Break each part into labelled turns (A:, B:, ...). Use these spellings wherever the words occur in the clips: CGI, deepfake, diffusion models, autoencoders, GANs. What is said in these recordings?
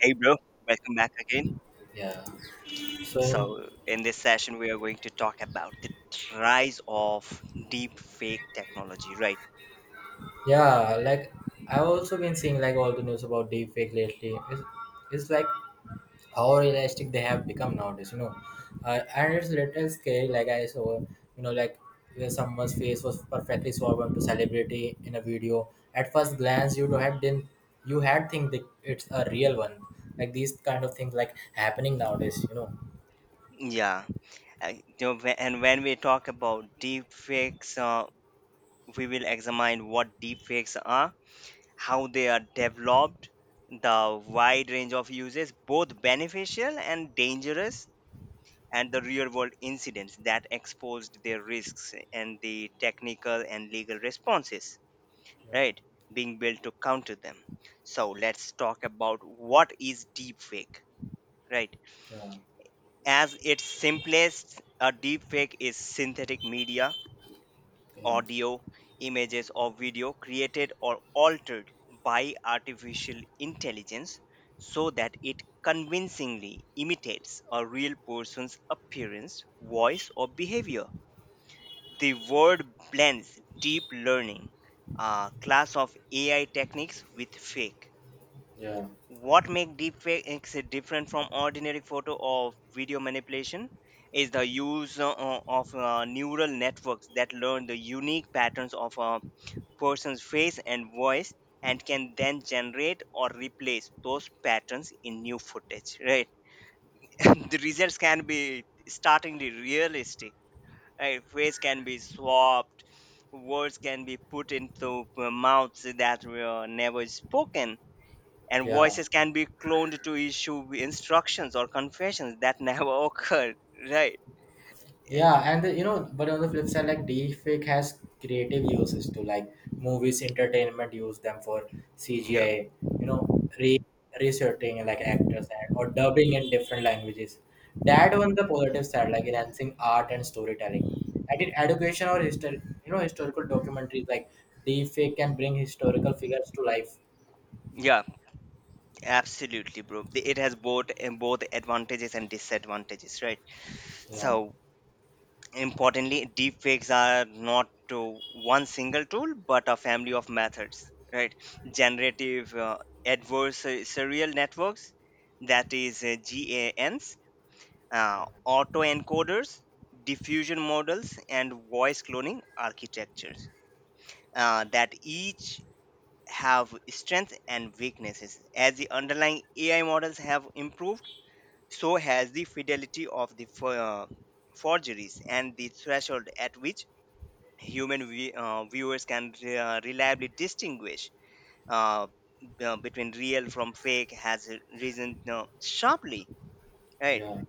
A: Hey, bro, welcome back again.
B: Yeah. So in
A: So, in this session, we are going to talk about the rise of deep fake technology, right?
B: yeah, like I've also been seeing, like, all the news about deepfake lately. It's like how realistic they have become nowadays, you know. And it's a little scary. Like I saw, like where someone's face was perfectly swapped to celebrity in a video. At first glance, you had didn't you had think that it's a real one. Like these kind of things like happening nowadays, you know.
A: Yeah. And you know, whe- and when we talk about deep fakes, we will examine what deep fakes are, how they are developed, the wide range of uses, both beneficial and dangerous, and the real world incidents that exposed their risks and the technical and legal responses,
B: Yeah,
A: right, being built to counter them. So let's talk about what is deepfake, right?
B: yeah,
A: As its simplest, a deepfake is synthetic media,
B: yeah,
A: audio, images or video, created or altered by artificial intelligence, so that it convincingly imitates a real person's appearance, voice or behavior. The word blends deep learning, a class of AI techniques, with fake.
B: yeah,
A: What makes deepfakes different from ordinary photo or video manipulation is the use of neural networks that learn the unique patterns of a person's face and voice, and can then generate or replace those patterns in new footage, right? The results can be startlingly realistic. Right, face can be swapped, words can be put into mouths that were never spoken, and
B: yeah.
A: voices can be cloned to issue instructions or confessions that never occurred, right.
B: Yeah, and the, you know, but on the flip side, like deepfake has creative uses too. Like movies, entertainment use them for
A: Yeah,
B: CGI. You know, re researching like actors and or dubbing in different languages. That on the positive side, like enhancing art and storytelling. Like in education or history, you know, historical documentaries, like deepfake can bring historical figures to life.
A: yeah, absolutely, bro. It has both advantages and disadvantages, right?
B: Yeah,
A: So importantly, deepfakes are not to one single tool but a family of methods, right? Generative adversarial networks, that is gans, autoencoders, diffusion models and voice cloning architectures, that each have strengths and weaknesses. As the underlying AI models have improved, so has the fidelity of the forgeries, and the threshold at which human viewers can reliably distinguish uh, between real from fake has risen sharply, right?
B: yeah,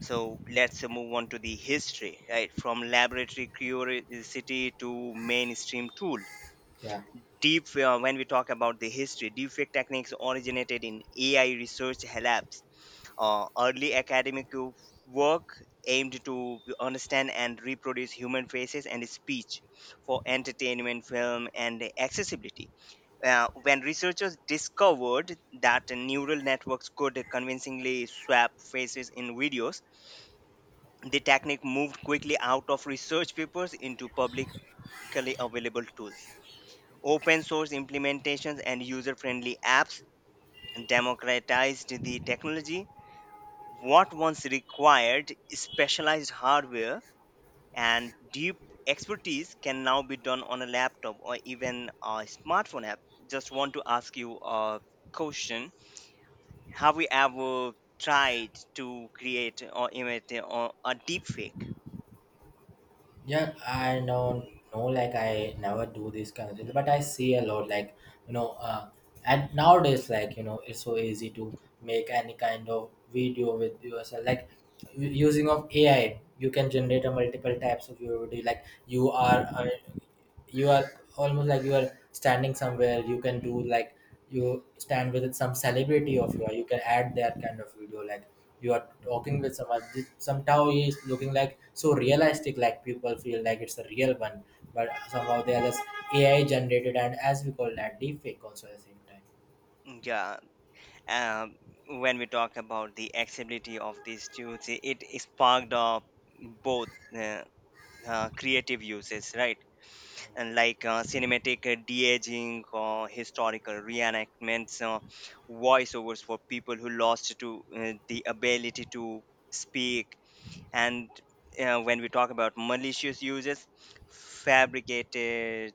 A: So let's move on to the history, right? From laboratory curiosity to mainstream tool.
B: yeah.
A: Deep uh, when we talk about the history, deepfake techniques originated in AI research labs. Early academic work aimed to understand and reproduce human faces and speech for entertainment, film and accessibility. When researchers discovered that neural networks could convincingly swap faces in videos, the technique moved quickly out of research papers into publicly available tools. Open source implementations and user friendly apps democratized the technology. What once required specialized hardware and deep expertise can now be done on a laptop or even a smartphone app. Just want to ask you a question. Have we ever tried to create or imitate or a deep fake?
B: Yeah, I know, no, like I never do this kind of thing, but I see a lot, like you know, uh, and nowadays, like, it's so easy to make any kind of video with yourself, like using of AI. You can generate a multiple types of video, like you are almost like you are standing somewhere. You can do like you stand with some celebrity of yours. You can add that kind of video, like you are talking with someone. Somehow he is looking like so realistic, like people feel like it's a real one, but somehow they are just AI generated, and as we call that deep fake also at the same time.
A: Yeah, um, when we talk about the accessibility of these tools, it sparked up both. Uh, creative uses, right? And like cinematic de-aging, historical reenactments, voiceovers for people who lost to the ability to speak, and when we talk about malicious uses, fabricated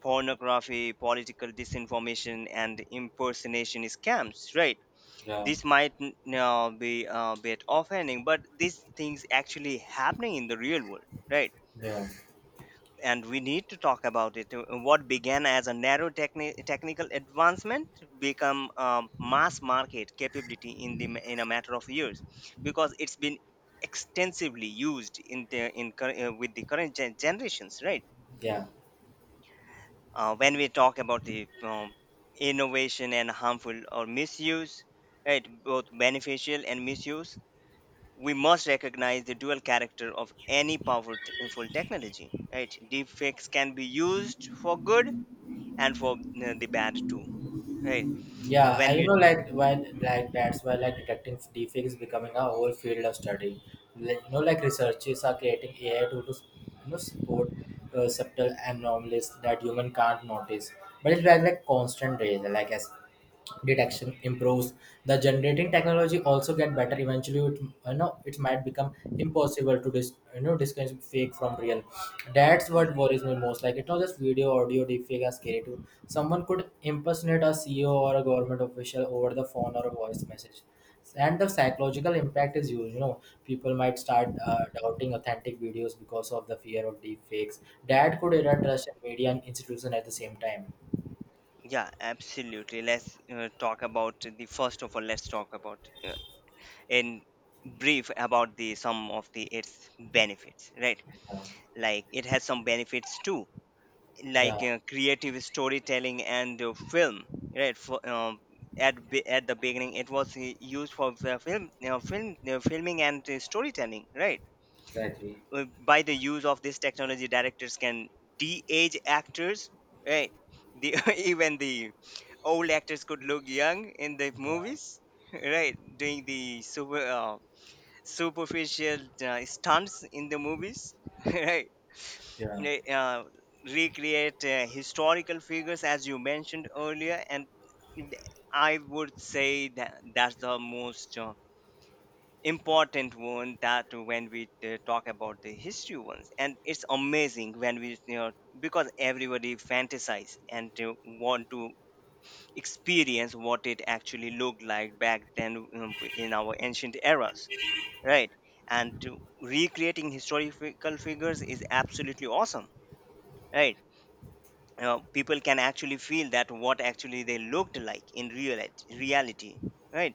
A: pornography, political disinformation, and impersonation scams, right?
B: Yeah,
A: This might be a bit offending, but these things actually happening in the real world, right?
B: yeah,
A: And we need to talk about it. What began as a narrow technical advancement become a mass market capability in the ma- in a matter of years, because it's been extensively used in the with the current generations, right?
B: yeah.
A: When we talk about the innovation and harmful or misuse, right, both beneficial and misuse, we must recognize the dual character of any powerful t- full technology, right? Deepfakes can be used for good and for the bad too, right?
B: Yeah,
A: when
B: I you
A: we
B: know like when like that's why, like, detecting deepfake is becoming a whole field of study. Like, you know, like researchers are creating AI to, to spot subtle anomalies that human can't notice. But it's like constant race. Like, as detection improves, the generating technology also get better. Eventually, it you know it might become impossible to distinguish fake from real. That's
A: Yeah,
B: what worries me most. Like, it's not just video, audio deepfake are scary too. Someone could impersonate a CEO or a government official over the phone or a voice message, and the psychological impact is huge, you know. People might start doubting authentic videos because of the fear of deep fakes. That could erode trust in media and institution at the same time.
A: yeah, absolutely. Let's talk about the, first of all, let's talk about in brief about the some of the its benefits, right? Like it has some benefits too, like
B: Yeah.
A: creative storytelling and film, right? For at the beginning it was used for the film, you know, film filming and storytelling, right?
B: Exactly.
A: Uh, by the use of this technology directors can de-age actors, right? The even the old actors could look young in the
B: Yeah,
A: movies right, doing the super superficial stunts in the movies right.
B: yeah.
A: They recreate historical figures as you mentioned earlier, and I would say that that's the most important one, that when we talk about the history ones, and it's amazing when we, you know, because everybody fantasize and to want to experience what it actually looked like back then, in our ancient eras, right? And to recreating historical figures is absolutely awesome, right? You know, people can actually feel that what actually they looked like in real reality, right?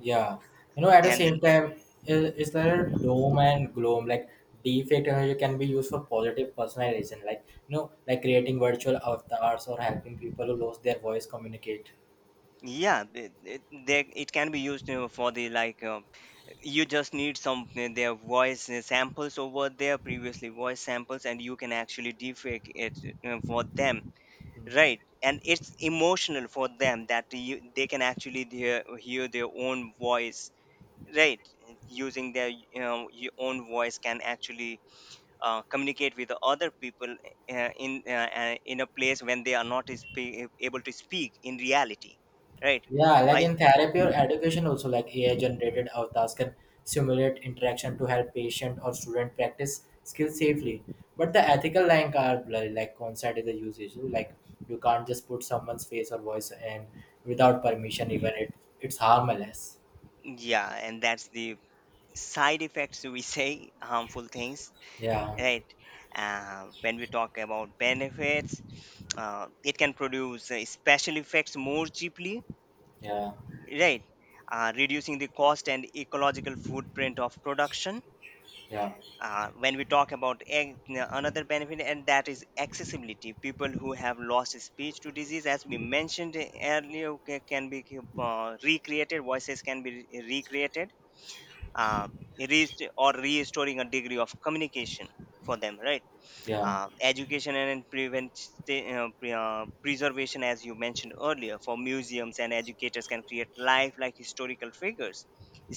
B: Yeah, you know, at the
A: And
B: same
A: then
B: time, is there a doom and gloom? Like, defect energy can be used for positive personalization, like, like creating virtual avatars or helping people who lose their voice communicate.
A: yeah, it can be used for the, like, you just need some their voice samples over there, previously voice samples, and you can actually defake it for them, right?
B: Mhm.
A: And it's emotional for them that you, they can actually hear their own voice, right? Using their, you know, your own voice can actually communicate with the other people in a place when they are not able to speak in reality, right?
B: Yeah, like
A: by
B: in therapy or education, also, like AI generated avatars can simulate interaction to help patient or student practice skills safely. But the ethical line are blurry, like, consent is the usage. Like, you can't just put someone's face or voice in without permission, even it's harmless.
A: Yeah, and that's the side effects we say, harmful things,
B: Yeah,
A: right? When we talk about benefits, it can produce special effects more cheaply,
B: yeah,
A: right? Reducing the cost and ecological footprint of production.
B: yeah,
A: When we talk about another benefit, and that is accessibility, people who have lost speech to disease, as we mentioned earlier, can be recreated. Voices can be recreated uh, rest- or restoring a degree of communication for them, right?
B: yeah,
A: Uh, education and prevent preservation as you mentioned earlier, for museums and educators can create lifelike historical figures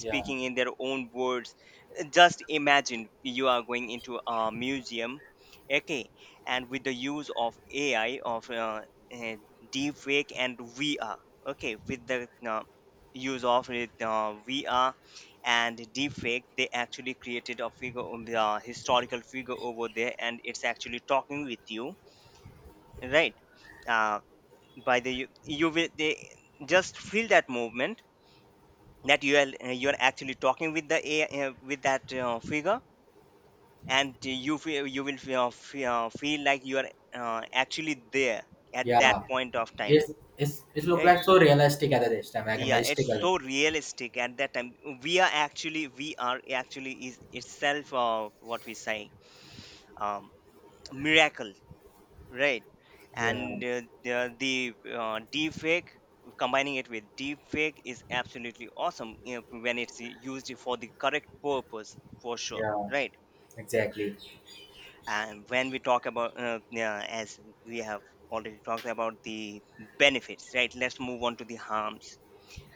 B: yeah,
A: in their own words. Just imagine you are going into a museum, okay, and with the use of AI, of uh, deep fake and VR, okay, with the use of it, VR and deep fake, they actually created a figure on the historical figure over there, and it's actually talking with you, right? Uh, by the, you will, they just feel that movement, that you are actually talking with the AI, with that figure, and you feel, you will feel like you are actually there at that
B: yeah.
A: point of time,
B: It's it's it look
A: right?
B: like so realistic at this time, like
A: Yeah, it's
B: mystical.
A: so realistic at that time. We are actually is itself what we say, um, miracle, right?
B: Yeah,
A: And the deep fake, combining it with deep fake is absolutely awesome, you know, when it's used for the correct purpose for sure,
B: yeah,
A: right?
B: exactly.
A: And when we talk about, yeah, as we have already talked about the benefits, right, let's move on to the harms.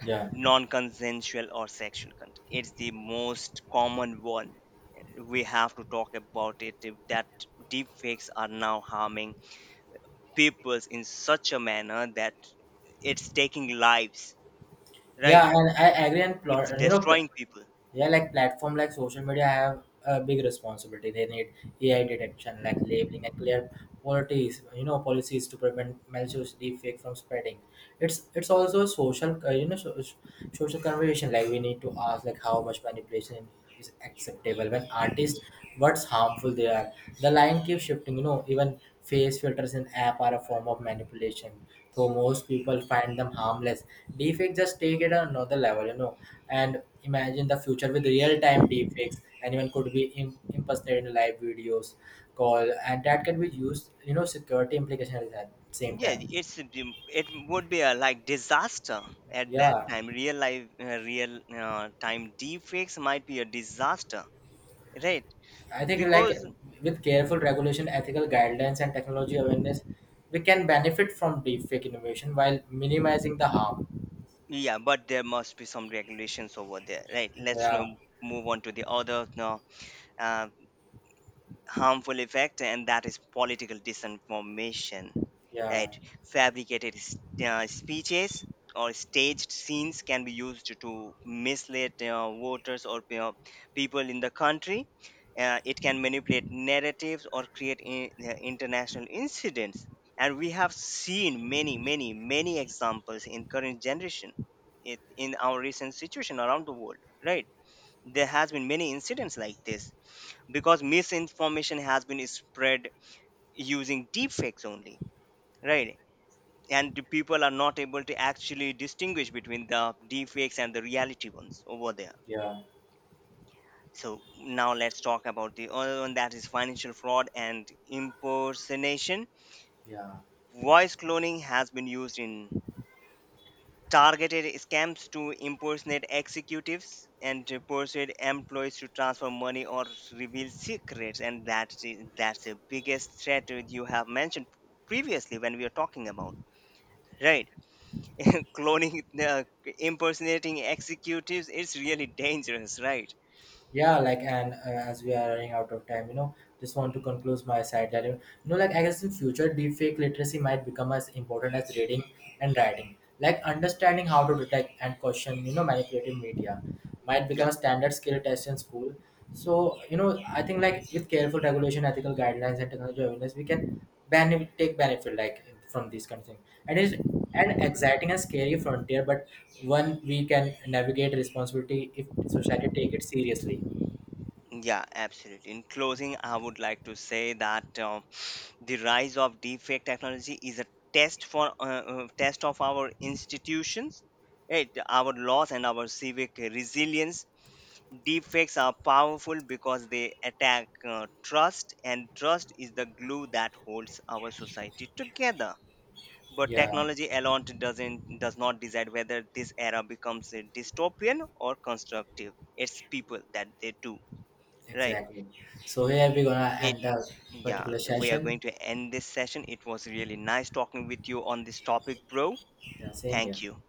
B: Yeah.
A: Non-consensual or sexual contact, it's the most common one, we have to talk about it, if that deepfakes are now harming people in such a manner that it's taking lives, right?
B: Yeah, and I agree. And plot,
A: It's
B: you know, pl-
A: destroying people.
B: yeah, like platform like social media have a big responsibility. They need AI detection, like labeling and clear policies, policies to prevent malicious deepfake from spreading. It's also a social, social conversation. Like we need to ask, like, how much manipulation is acceptable when artists, what's harmful they are. The line keeps shifting. You know, even face filters in app are a form of manipulation, so most people find them harmless. Deepfakes just take it another level, you know. And imagine the future with real-time deepfakes. Anyone could be impersonating live videos call, and that can be used, you know, security implications at same
A: Yeah,
B: time.
A: it's a it would be a like disaster at that
B: Yeah,
A: time. Real time deepfakes might be a disaster, right?
B: I think, like,
A: Because
B: with careful regulation, ethical guidelines, and technology awareness, we can benefit from deepfake innovation while minimizing the harm.
A: yeah, but there must be some regulations over there, right? Let's
B: Yeah,
A: now move on to the other, no, uh, harmful effect, and that is political disinformation,
B: yeah,
A: right? Fabricated speeches or staged scenes can be used to mislead voters or, you know, people in the country. Uh, it can manipulate narratives or create international incidents, and we have seen many examples in current generation, it, in our recent situation around the world, right? There has been many incidents like this because misinformation has been spread using deepfakes only, right? And the people are not able to actually distinguish between the deepfakes and the reality ones over there.
B: yeah,
A: So now let's talk about the other one, that is financial fraud and impersonation.
B: yeah.
A: Voice cloning has been used in targeted scams to impersonate executives and to persuade employees to transfer money or reveal secrets, and that's the biggest threat that you have mentioned previously when we were talking about, right? Cloning, impersonating executives is really dangerous, right?
B: Yeah, like, and as we are running out of time, you know, just want to conclude my side that, you know, like, I guess in future, deepfake literacy might become as important as reading and writing. Like, understanding how to detect and question, you know, manipulative media might become
A: Yeah,
B: a standard skill test in school. So, you know, I think, like, with careful regulation, ethical guidelines, and technology awareness, we can take benefit, like, from these kind of things. And it's an exciting and scary frontier, but one we can navigate responsibility if society take it seriously.
A: yeah, absolutely. In closing, I would like to say that, the rise of deepfake technology is a test for test of our institutions, right, our laws and our civic resilience. Deepfakes are powerful because they attack trust, and trust is the glue that holds our society together. But
B: Yeah,
A: technology alone does not decide whether this era becomes a dystopian or constructive, it's people that they do, right?
B: exactly. So here we're gonna end the
A: Yeah,
B: particular
A: we are
B: session.
A: going to end this session. It was really nice talking with you on this topic, bro.
B: Yeah, same here.
A: Thank you.